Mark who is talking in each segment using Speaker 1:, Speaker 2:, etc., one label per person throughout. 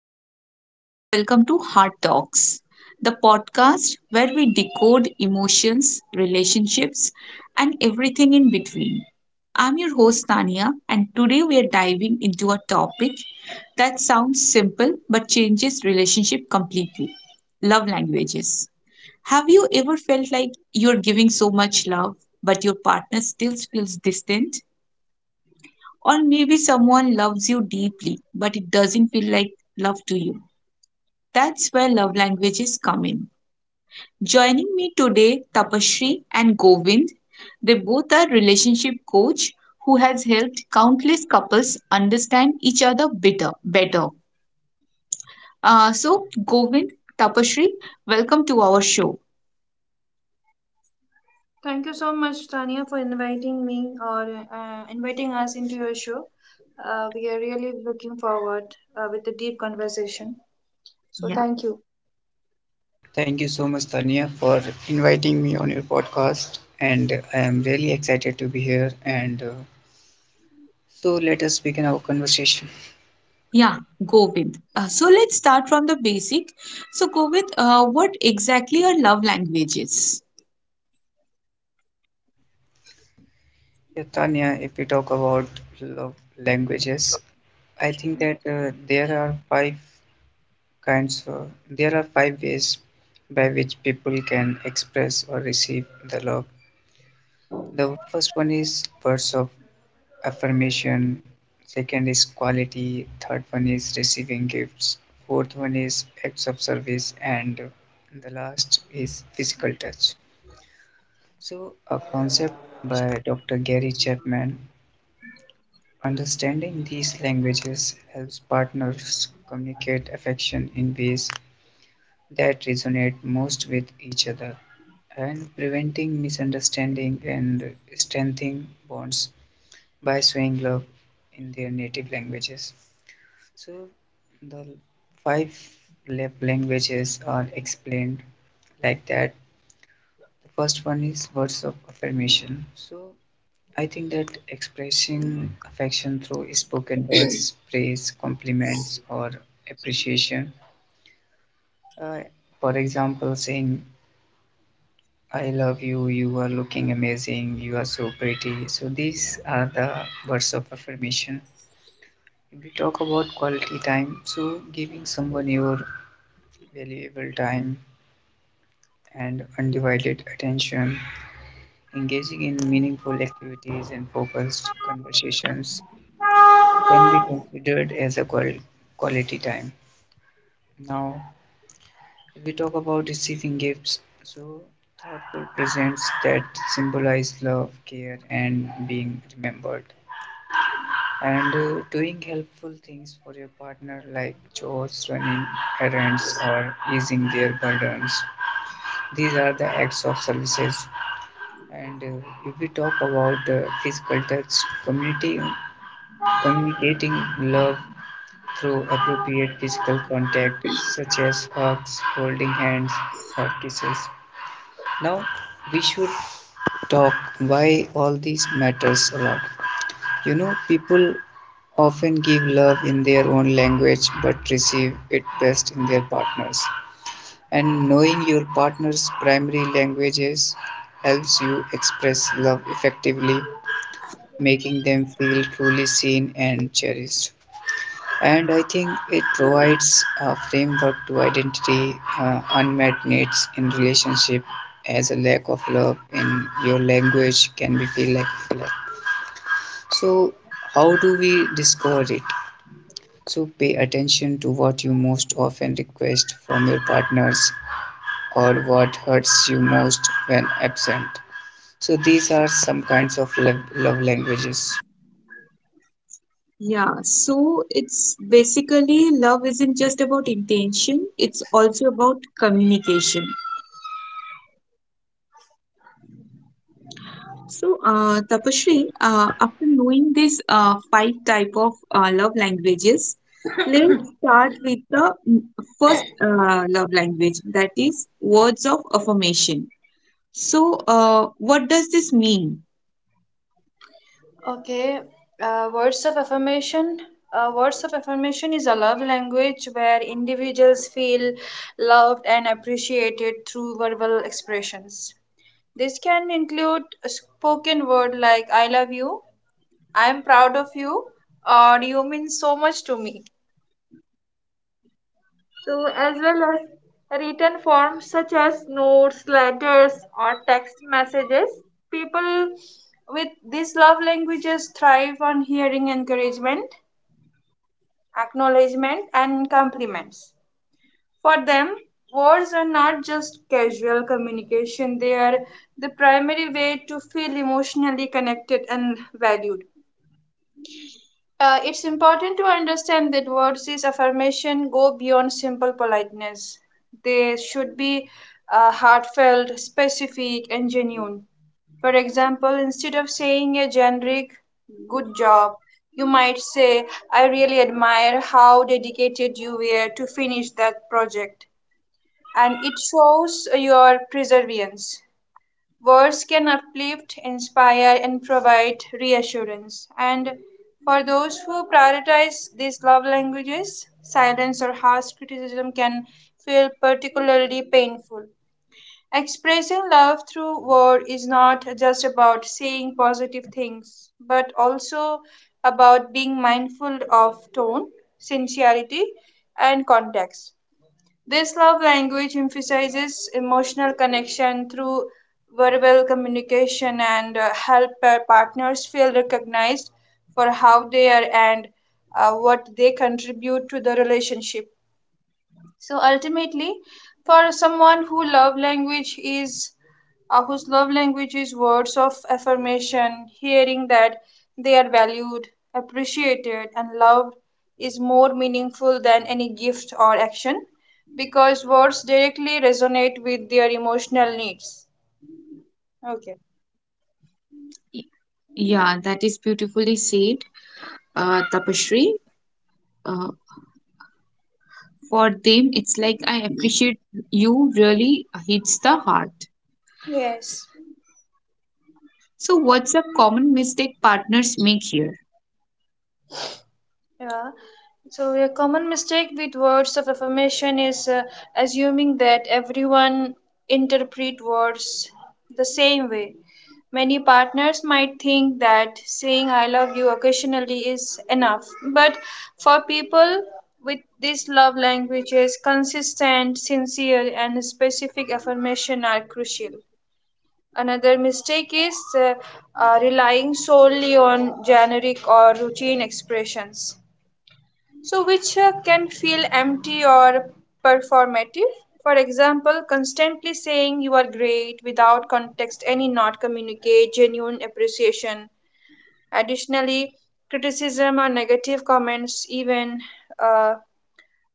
Speaker 1: everyone, and welcome to Heart Talks, the podcast where we decode emotions, relationships, and everything in between. I'm your host, Tania, and today we are diving into a topic that sounds simple but changes relationship completely, love languages. Have you ever felt like you're giving so much love, but your partner still feels distant? Or maybe someone loves you deeply, but it doesn't feel like love to you. That's where love languages come in. Joining me today, Tapashri and Govind. They both are relationship coach who has helped countless couples understand each other better. So, Govind, Tapashri, welcome to our show.
Speaker 2: Thank you so much, Tania, for inviting me or inviting us into your show. We are really looking forward with the deep conversation. So
Speaker 1: Yeah.
Speaker 2: thank you.
Speaker 3: Thank you so much, Tania, for inviting me on your podcast. And I am really excited to be here. And so let us begin our conversation.
Speaker 1: Yeah, Govind. So let's start from the basic. So, Govind, what exactly are love languages?
Speaker 3: Yeah, Tanya, if we talk about love languages, I think that there are five kinds, there are five ways by which people can express or receive the love. The first one is words of affirmation. Second is quality. Third one is receiving gifts. Fourth one is acts of service. And the last is physical touch. So, a concept by Dr. Gary Chapman. Understanding these languages helps partners communicate affection in ways that resonate most with each other, and preventing misunderstanding and strengthening bonds by showing love in their native languages. So the five love languages are explained like that. The first one is words of affirmation. So I think that expressing affection through spoken words, praise, compliments, or appreciation. Uh, for example, saying I love you, you are looking amazing, you are so pretty. So these are the words of affirmation. If we talk about quality time, so giving someone your valuable time and undivided attention, engaging in meaningful activities and focused conversations can be considered as a quality time. Now, if we talk about receiving gifts, so thoughtful presents that symbolize love, care, and being remembered. And doing helpful things for your partner, like chores, running errands, or easing their burdens. These are the acts of services. And if we talk about physical touch, community, communicating love through appropriate physical contact, such as hugs, holding hands, or kisses. Now, we should talk why all these matters a lot. You know, people often give love in their own language but receive it best in their partners. And knowing your partner's primary languages helps you express love effectively, making them feel truly seen and cherished. And I think it provides a framework to identity unmet needs in relationship, as a lack of love in your language can be feel like a neglect. So how do we discover it? So pay attention to what you most often request from your partners, or what hurts you most when absent. So these are some kinds of love languages.
Speaker 1: Yeah, so it's basically love isn't just about intention, it's also about communication. So, Tapasree, after knowing these five type of love languages, let's start with the first love language, that is words of affirmation. So, what does this mean?
Speaker 2: Okay, words of affirmation. Words of affirmation is a love language where individuals feel loved and appreciated through verbal expressions. This can include a spoken word like "I love you," "I am proud of you," or "You mean so much to me." So, as well as written forms such as notes, letters, or text messages, people with these love languages thrive on hearing encouragement, acknowledgement, and compliments. For them, words are not just casual communication, they are the primary way to feel emotionally connected and valued. It's important to understand that words is affirmation go beyond simple politeness. They should be heartfelt, specific, and genuine. For example, instead of saying a generic good job, you might say, I really admire how dedicated you were to finish that project. And it shows your perseverance. Words can uplift, inspire, and provide reassurance. And for those who prioritize these love languages, silence or harsh criticism can feel particularly painful. Expressing love through word is not just about saying positive things, but also about being mindful of tone, sincerity, and context. This love language emphasizes emotional connection through verbal communication and help partners feel recognized for how they are and what they contribute to the relationship. So ultimately, for someone who love language is whose love language is words of affirmation, hearing that they are valued, appreciated, and loved is more meaningful than any gift or action, because words directly resonate with their emotional needs. Okay.
Speaker 1: Y- Yeah, that is beautifully said, Tapasree. For them, it's like "I appreciate you" really hits the heart.
Speaker 2: Yes.
Speaker 1: So, what's a common mistake partners make here?
Speaker 2: Yeah. So, a common mistake with words of affirmation is assuming that everyone interpret words the same way. Many partners might think that saying I love you occasionally is enough, but for people with these love languages, consistent, sincere, and specific affirmation are crucial. Another mistake is relying solely on generic or routine expressions, so which can feel empty or performative. For example, constantly saying you are great without context any not communicate genuine appreciation. Additionally, criticism or negative comments, even uh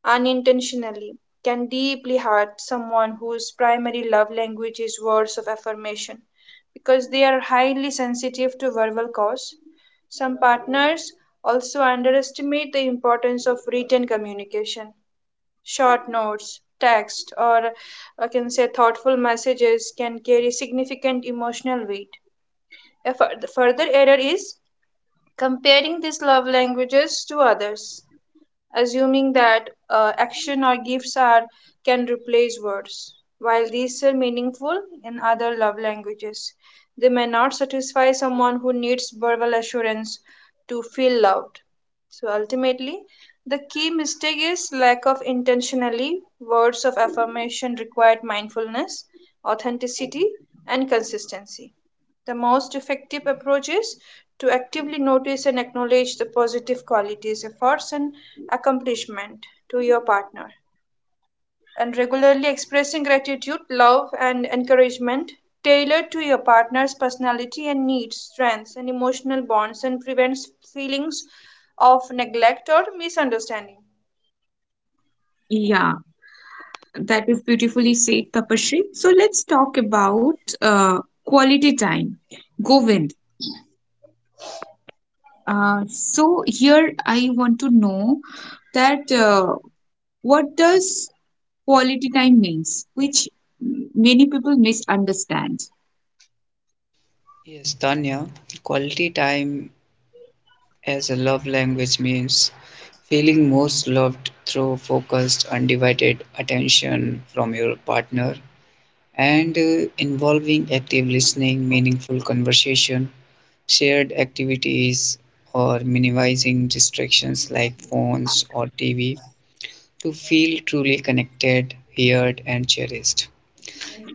Speaker 2: unintentionally, can deeply hurt someone whose primary love language is words of affirmation, because they are highly sensitive to verbal cues. Some partners also underestimate the importance of written communication. Short notes, text, or I can say thoughtful messages can carry significant emotional weight. The further error is comparing these love languages to others, assuming that action or gifts are can replace words. While these are meaningful in other love languages, they may not satisfy someone who needs verbal assurance to feel loved. So ultimately, the key mistake is lack of intentionally. Words of affirmation required mindfulness, authenticity, and consistency. The most effective approach is to actively notice and acknowledge the positive qualities, efforts, and accomplishment to your partner, and regularly expressing gratitude, love, and encouragement tailored to your partner's personality and needs, strengths, and emotional bonds, and prevents feelings of neglect or misunderstanding.
Speaker 1: Yeah, that is beautifully said, Tapashri. So, let's talk about quality time. Govind. So, here I want to know that what does quality time means, which many people misunderstand.
Speaker 3: Yes, Tanya, quality time as a love language means feeling most loved through focused, undivided attention from your partner, and involving active listening, meaningful conversation, shared activities, or minimizing distractions like phones or TV to feel truly connected, heard, and cherished.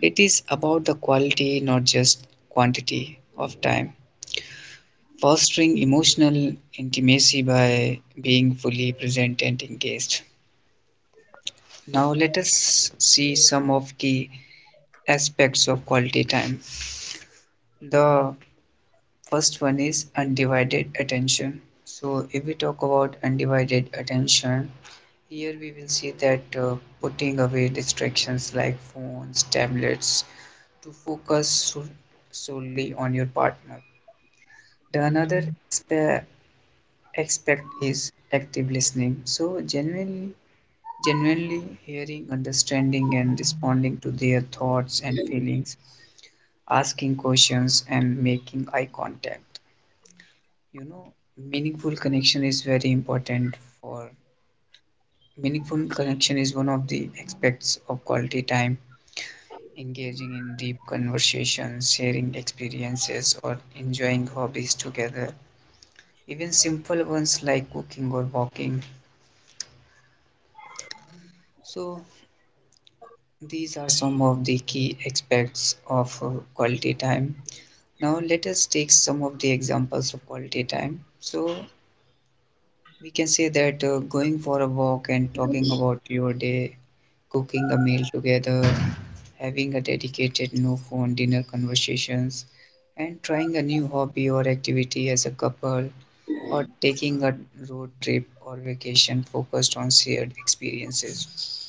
Speaker 3: It is about the quality, not just quantity, of time, fostering emotional intimacy by being fully present and engaged. Now let us see some of key aspects of quality time. The first one is undivided attention. So if we talk about undivided attention, here we will see that putting away distractions like phones, tablets, to focus solely on your partner. The another aspe- expect is active listening. So genuinely hearing, understanding, and responding to their thoughts and feelings, asking questions, and making eye contact. You know, meaningful connection is very important for meaningful connection is one of the aspects of quality time. Engaging in deep conversations, sharing experiences, or enjoying hobbies together, even simple ones like cooking or walking. So, these are some of the key aspects of quality time. Now, let us take some of the examples of quality time. So, we can say that going for a walk and talking about your day, cooking a meal together, having a dedicated no phone dinner conversations, and trying a new hobby or activity as a couple, or taking a road trip or vacation focused on shared experiences.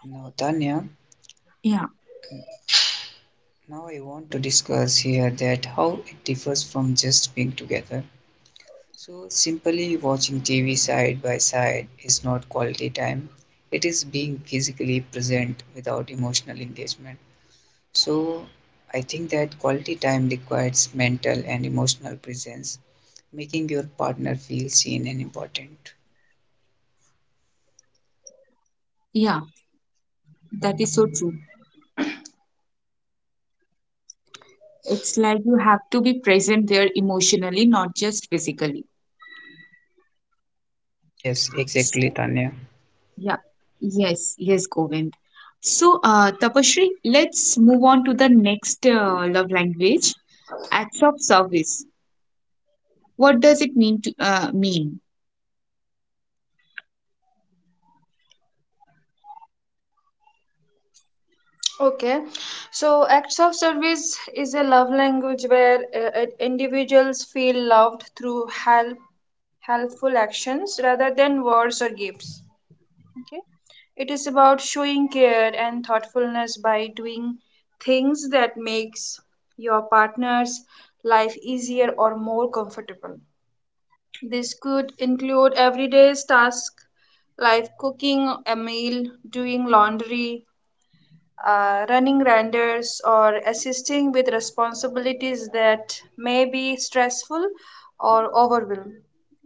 Speaker 3: Now, Tanya,
Speaker 1: Yeah.
Speaker 3: Now I want to discuss here that how it differs from just being together. So simply watching TV side by side is not quality time. It is being physically present without emotional engagement. So I think that quality time requires mental and emotional presence, making your partner feel seen and important.
Speaker 1: Yeah, that is so true. It's like you have to be present there emotionally, not just physically.
Speaker 3: Yes,
Speaker 1: So,
Speaker 3: exactly, Tanya.
Speaker 1: yeah, yes, yes, Govind. So, Tapashri, let's move on to the next love language, acts of service. What does it mean to mean?
Speaker 2: Okay, so acts of service is a love language where individuals feel loved through helpful actions rather than words or gifts. Okay, it is about showing care and thoughtfulness by doing things that makes your partner's life easier or more comfortable. This could include everyday tasks like cooking a meal, doing laundry, running renders, or assisting with responsibilities that may be stressful or overwhelming.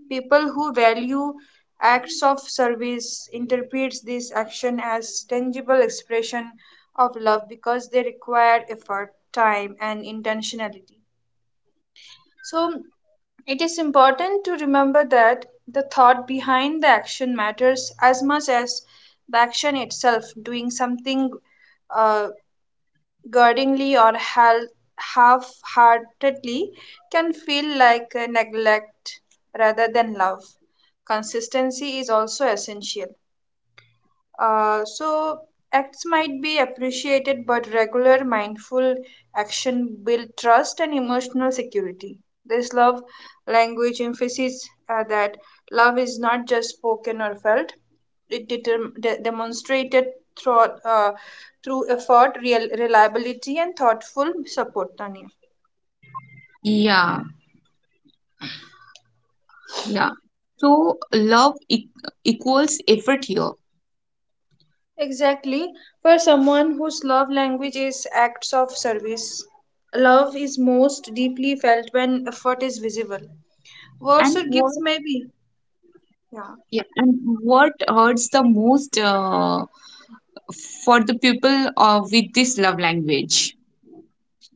Speaker 2: People who value acts of service interprets this action as tangible expression of love, because they require effort, time, and intentionality. So it is important to remember that the thought behind the action matters as much as the action itself. Doing something uh, grudgingly or half-heartedly can feel like a neglect rather than love. Consistency is also essential. So acts might be appreciated, but regular mindful action build trust and emotional security. This love language emphasis that love is not just spoken or felt, it demonstrated through, uh, through effort, reliability, and thoughtful support, Tanya.
Speaker 1: Yeah, yeah. So, love e equals effort here.
Speaker 2: Exactly. For someone whose love language is acts of service, love is most deeply felt when effort is visible. Words
Speaker 1: And
Speaker 2: or
Speaker 1: what,
Speaker 2: gifts, maybe. Yeah.
Speaker 1: yeah, and what hurts the most for the people with this love language.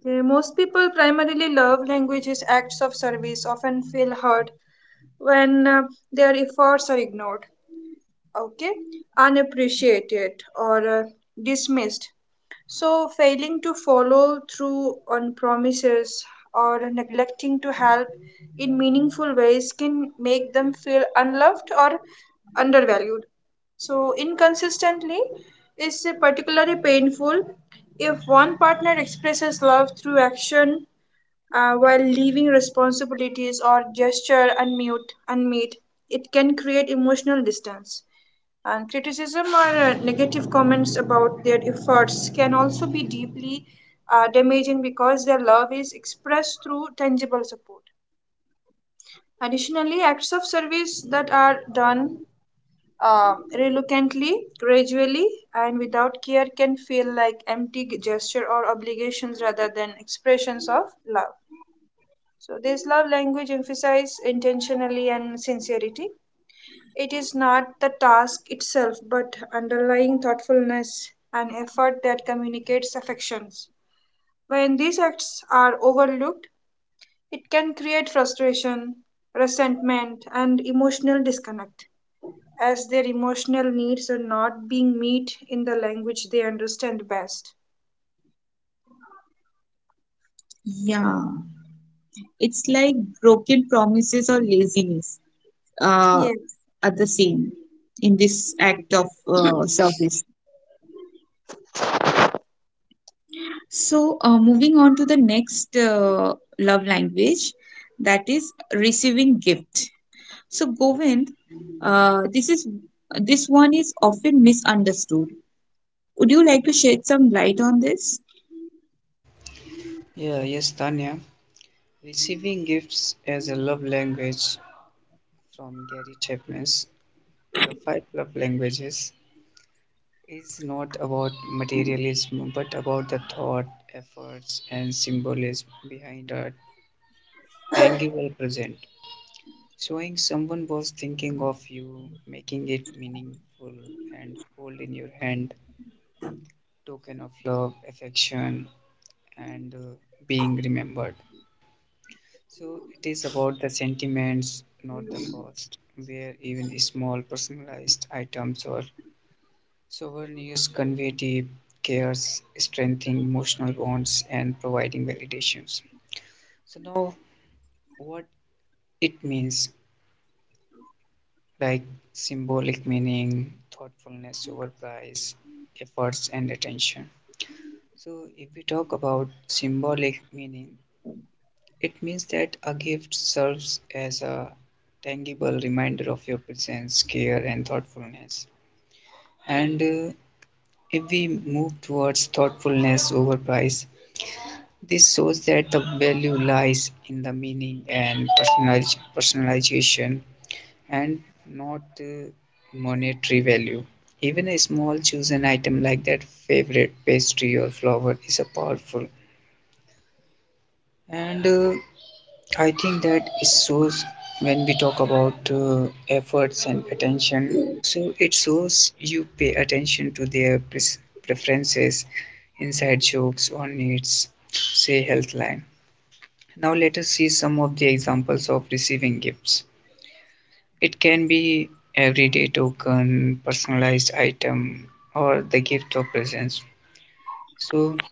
Speaker 2: Okay, most people primarily love languages acts of service, often feel hurt when their efforts are ignored, okay, unappreciated, or dismissed. So, failing to follow through on promises or neglecting to help in meaningful ways can make them feel unloved or undervalued. So, inconsistently is particularly painful if one partner expresses love through action while leaving responsibilities or gesture unmet. It can create emotional distance. And criticism or negative comments about their efforts can also be deeply damaging, because their love is expressed through tangible support. Additionally, acts of service that are done reluctantly, gradually, and without care can feel like empty gesture or obligations rather than expressions of love. So, this love language emphasizes intentionally and sincerity. It is not the task itself, but underlying thoughtfulness and effort that communicates affections. When these acts are overlooked, it can create frustration, resentment, and emotional disconnect, as their emotional needs are not being met in the language they understand best.
Speaker 1: Yeah, it's like broken promises or laziness uh,
Speaker 2: Yes.
Speaker 1: are the same in this act of service. So, moving on to the next love language, that is receiving gift. So, Govind, uh, this is this one is often misunderstood. Would you like to shed some light on this?
Speaker 3: Yeah, yes, Tanya. Receiving gifts as a love language from Gary Chapman's The Five Love Languages is not about materialism but about the thought, efforts, and symbolism behind a tangible present. Showing someone was thinking of you, making it meaningful, and hold in your hand token of love, affection, and being remembered. So it is about the sentiments, not the cost, where even small personalized items or souvenirs convey deep cares, strengthening emotional bonds, and providing validations. So now, what it means, like symbolic meaning, thoughtfulness over price, efforts, and attention. So if we talk about symbolic meaning, it means that a gift serves as a tangible reminder of your presence, care, and thoughtfulness. And if we move towards thoughtfulness over price, this shows that the value lies in the meaning and personalization, and not monetary value. Even a small chosen item like that favorite pastry or flower is a powerful. And I think that it shows when we talk about efforts and attention. So it shows you pay attention to their preferences, inside jokes or needs, say health line. Now let us see some of the examples of receiving gifts. It can be everyday token, personalized item, or the gift of presents. So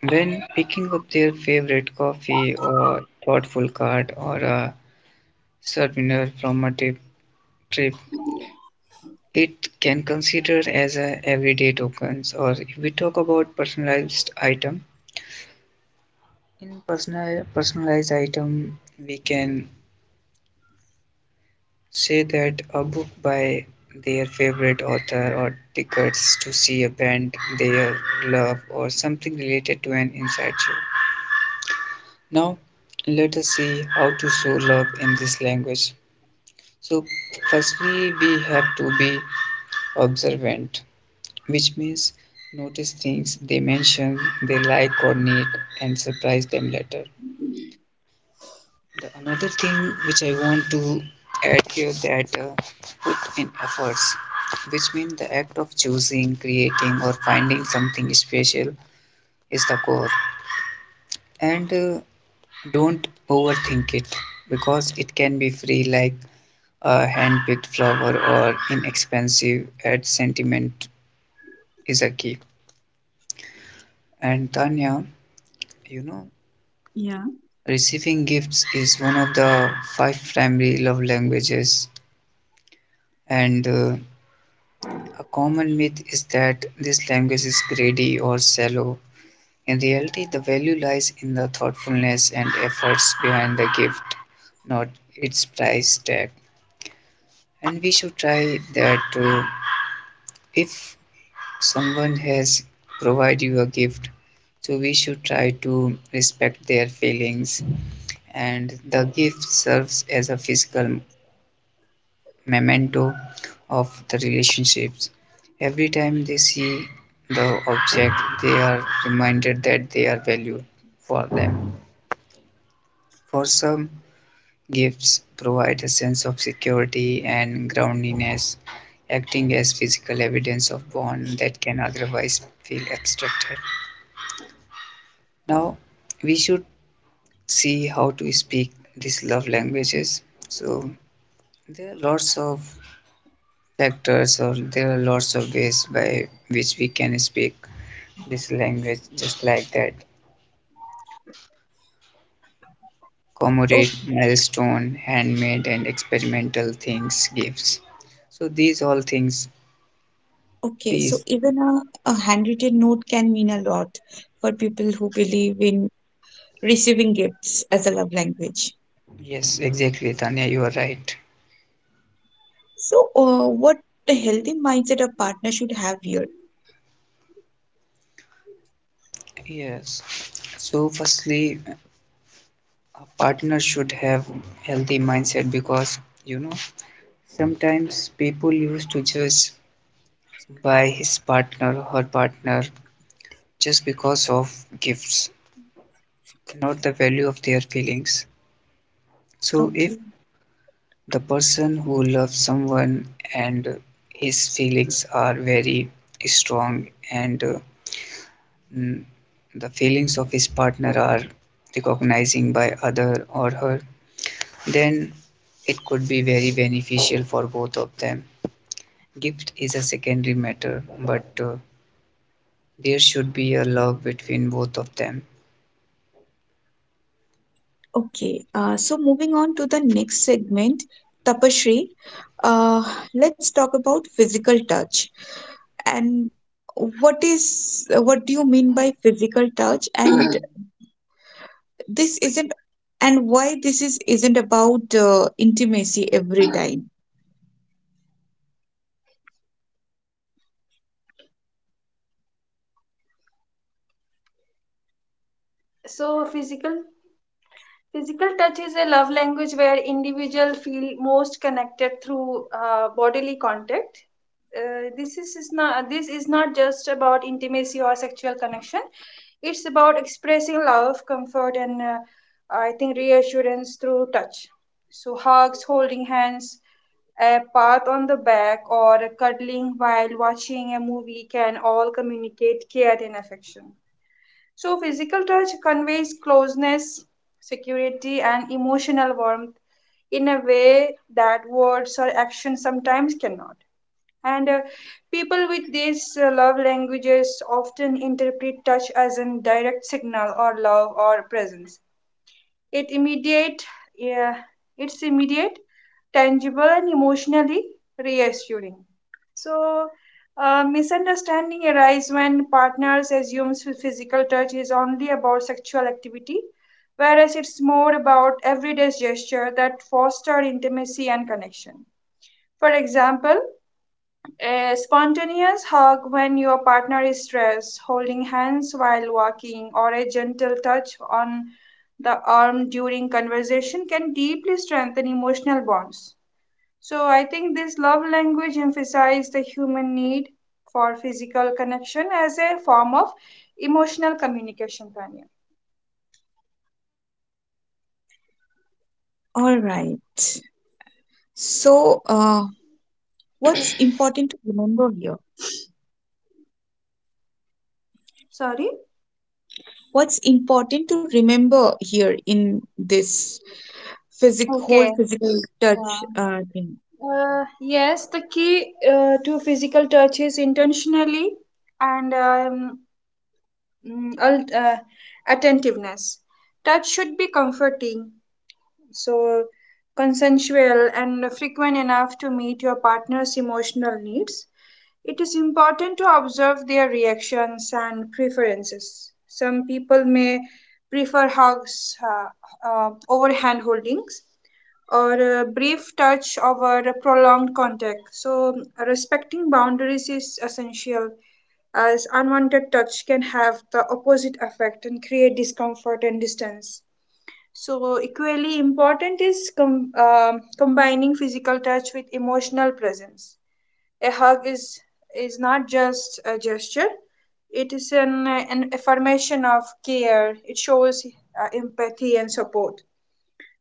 Speaker 3: when picking up their favorite coffee or thoughtful card or a souvenir from a trip, it can consider as a everyday tokens. Or if we talk about personalized item, in personalized item we can say that a book by their favorite author, or tickets to see a band they love, or something related to an inside joke. Now, let us see how to show love in this language. So, firstly, we have to be observant, which means notice things they mention they like or need, and surprise them later. The another thing which I want to add here that in efforts, which means the act of choosing, creating, or finding something special is the core. And don't overthink it, because it can be free, like a hand picked flower or inexpensive ad sentiment is a key. And Tanya, you know,
Speaker 1: Yeah.
Speaker 3: receiving gifts is one of the five primary love languages, and a common myth is that this language is greedy or shallow. In reality, the value lies in the thoughtfulness and efforts behind the gift, not its price tag. And we should try that too. If someone has provided you a gift, so we should try to respect their feelings. And the gift serves as a physical memento of the relationships. Every time they see the object, they are reminded that they are valued for them. For some, gifts provide a sense of security and groundedness, acting as physical evidence of bond that can otherwise feel abstracted. Now, we should see how to speak these love languages. So, there are lots of factors, or there are lots of ways by which we can speak this language, just like that. Commemorate milestone, handmade, and experimental things, gifts. So, these all things,
Speaker 1: Okay, so
Speaker 3: these
Speaker 1: even a handwritten note can mean a lot for people who believe in receiving gifts as a love language.
Speaker 3: yes, exactly, Tanya, you are right.
Speaker 1: So, what the healthy mindset a partner should have here?
Speaker 3: Yes. So, firstly, a partner should have healthy mindset, because you know sometimes people used to judge by his partner or her partner just because of gifts, not the value of their feelings. So, if
Speaker 1: Okay.
Speaker 3: the person who loves someone, and his feelings are very strong, and Mm, the feelings of his partner are recognizing by other or her, then it could be very beneficial for both of them. Gift is a secondary matter, but there should be a love between both of them.
Speaker 1: Okay, so moving on to the next segment, Tapashri, uh, let's talk about physical touch and what do you mean by physical touch? And this isn't and why this is isn't about intimacy every time.
Speaker 2: So, physical touch is a love language where individuals feel most connected through bodily contact. Is not this is not just about intimacy or sexual connection. It's about expressing love, comfort, and I think reassurance through touch. So hugs, holding hands, a pat on the back, or a cuddling while watching a movie can all communicate care and affection. So, physical touch conveys closeness, security, and emotional warmth in a way that words or actions sometimes cannot. And people with these love languages often interpret touch as a direct signal or love or presence. It immediate, yeah, it's immediate, tangible, and emotionally reassuring. So, misunderstanding arise when partners assumes physical touch is only about sexual activity, whereas it's more about everyday gesture that foster intimacy and connection. For example, a spontaneous hug when your partner is stressed, holding hands while walking, or a gentle touch on the arm during conversation can deeply strengthen emotional bonds. So I think this love language emphasizes the human need for physical connection as a form of emotional communication, Tanya.
Speaker 1: All right. So, what's important to remember here?
Speaker 2: Sorry?
Speaker 1: What's important to remember here in this physic whole
Speaker 2: Okay.
Speaker 1: physical
Speaker 2: Yeah.
Speaker 1: touch thing.
Speaker 2: Yes, the key to physical touch is intentionally and mm, al- uh, attentiveness. Touch should be comforting, so consensual and frequent enough to meet your partner's emotional needs. It is important to observe their reactions and preferences. Some people may prefer hugs over hand holdings or a brief touch over a prolonged contact. So, respecting boundaries is essential, as unwanted touch can have the opposite effect and create discomfort and distance. So, equally important is combining physical touch with emotional presence. A hug is not just a gesture, it is an affirmation of care. It shows empathy and support.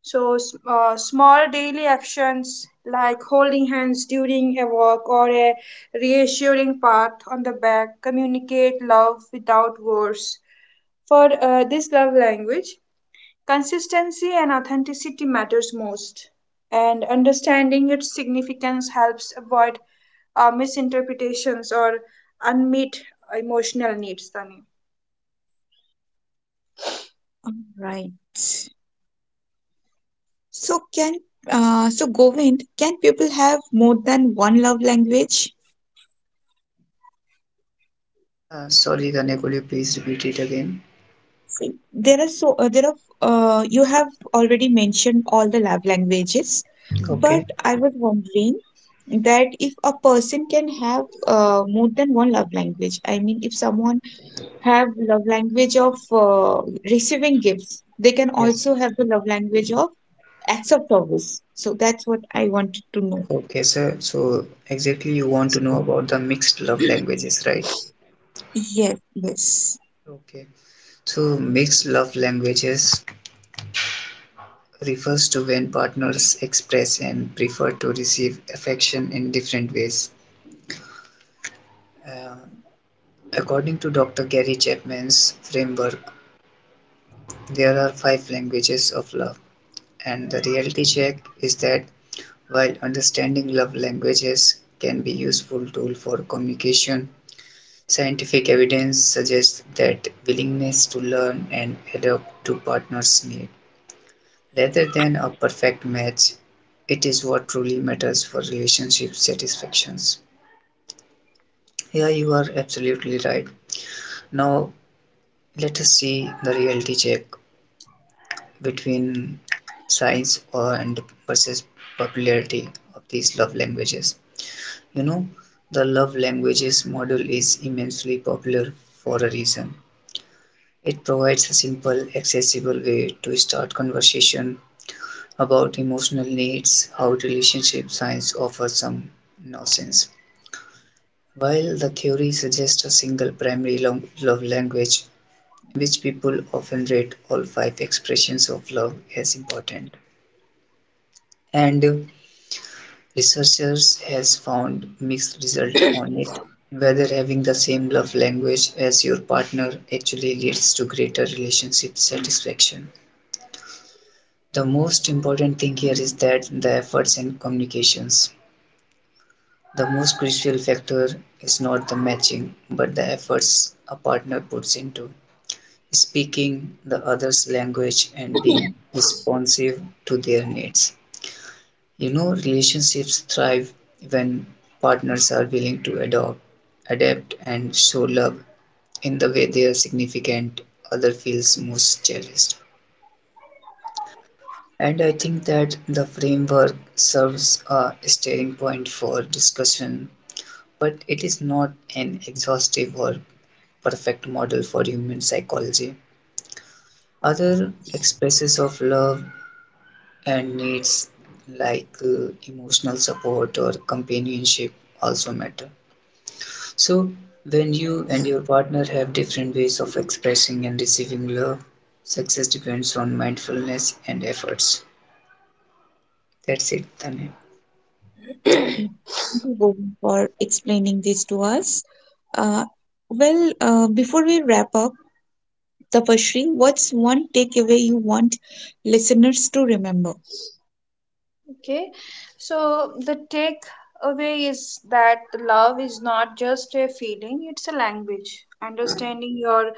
Speaker 2: So small daily actions like holding hands during a walk or a reassuring pat on the back communicate love without words. For this love language, consistency and authenticity matters most, and understanding its significance helps avoid misinterpretations or unmet emotional needs, Tani.
Speaker 1: All right. So can so, Govind, can people have more than one love language?
Speaker 3: Sorry, Tanya, could you please repeat it again?
Speaker 1: See, there are so there are you have already mentioned all the love languages, but
Speaker 3: Okay.
Speaker 1: I was wondering that if a person can have more than one love language. I mean, if someone have love language of receiving gifts, they can
Speaker 3: Yes.
Speaker 1: also have the love language of acts of service. So that's what I wanted to know.
Speaker 3: Okay, sir, so exactly you want to know about the mixed love languages, right?
Speaker 1: Yes, yes.
Speaker 3: Okay, so mixed love languages refers to when partners express and prefer to receive affection in different ways. Uh, according to Dr. Gary Chapman's framework, there are five languages of love, and the reality check is that while understanding love languages can be a useful tool for communication, scientific evidence suggests that willingness to learn and adapt to partners' needs, rather than a perfect match, it is what truly matters for relationship satisfactions. Yeah, you are absolutely right. Now, let us see the reality check between science or and versus popularity of these love languages. You know, the love languages model is immensely popular for a reason. It provides a simple, accessible way to start conversation about emotional needs, how relationship science offers some nonsense. While the theory suggests a single primary love language, which people often rate all five expressions of love as important, and researchers has found mixed result on it. Whether having the same love language as your partner actually leads to greater relationship satisfaction. The most important thing here is that the efforts and communications. The most crucial factor is not the matching, but the efforts a partner puts into speaking the other's language and being responsive to their needs. You know, relationships thrive when partners are willing to adapt, and show love in the way their significant other feels most cherished. And I think that the framework serves a starting point for discussion, but it is not an exhaustive or perfect model for human psychology. Other expresses of love and needs, like emotional support or companionship, also matter. So, when you and your partner have different ways of expressing and receiving love, success depends on mindfulness and efforts. That's it, Tane.
Speaker 1: Yeah, thank you, Govind, for explaining this to us. Uh, well, before we wrap up, Tapashri, what's one takeaway you want listeners to remember?
Speaker 2: Okay, so the takeaway is that love is not just a feeling; it's a language. Understanding your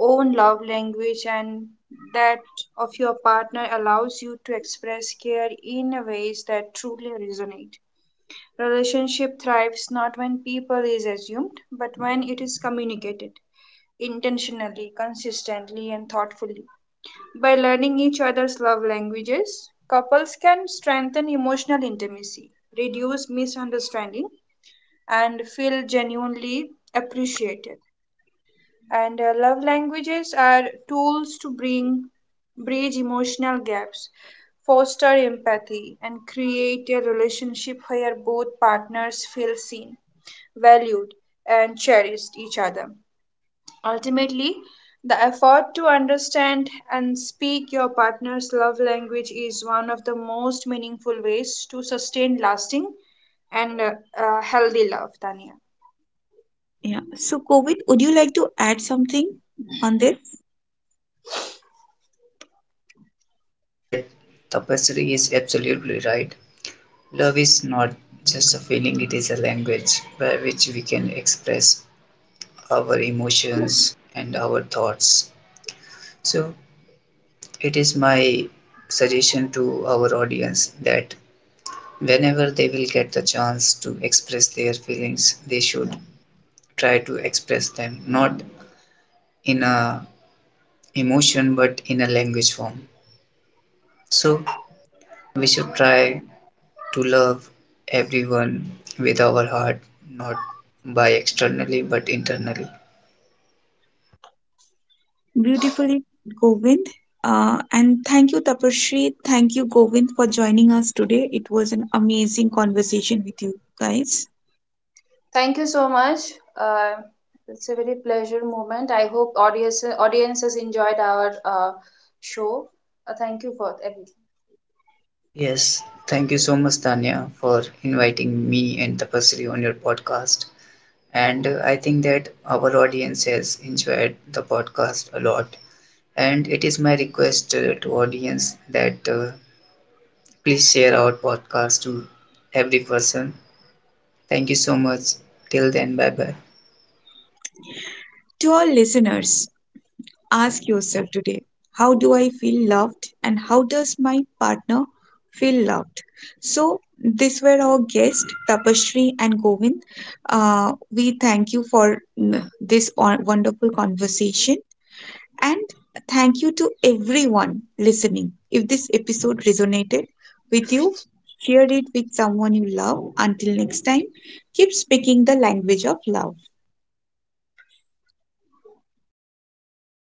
Speaker 2: own love language and that of your partner allows you to express care in a ways that truly resonate. Relationship thrives not when people is assumed, but when it is communicated intentionally, consistently, and thoughtfully. By learning each other's love languages, couples can strengthen emotional intimacy, reduce misunderstanding, and feel genuinely appreciated. And love languages are tools to bring bridge emotional gaps, foster empathy, and create a relationship where both partners feel seen, valued, and cherished each other. Ultimately, the effort to understand and speak your partner's love language is one of the most meaningful ways to sustain lasting and healthy love, Tanya.
Speaker 1: Yeah. So, Covid, would you like to add something on this?
Speaker 3: I think that Tapasri is absolutely right. Love is not just a feeling, it is a language by which we can express our emotions and our thoughts. So, it is my suggestion to our audience that whenever they will get the chance to express their feelings, they should try to express them not in a emotion but in a language form. So, we should try to love everyone with our heart, not by externally but internally.
Speaker 1: Beautifully, Govind. And thank you, Tapasree. Thank you, Govind, for joining us today. It was an amazing conversation with you guys.
Speaker 2: Thank you so much. Uh, it's a very pleasure moment. I hope audiences enjoyed our show. Thank you for everyone.
Speaker 3: Yes, thank you so much, Tanya, for inviting me and Tapasri on your podcast. And I think that our audience has enjoyed the podcast a lot. And it is my request to audience that please share our podcast to every person. Thank you so much. Till then, bye bye.
Speaker 1: To our listeners, ask yourself today, how do I feel loved and how does my partner feel loved? So, these were our guests, Tapasree and Govind. We thank you for this wonderful conversation. And thank you to everyone listening. If this episode resonated with you, share it with someone you love. Until next time, keep speaking the language of love.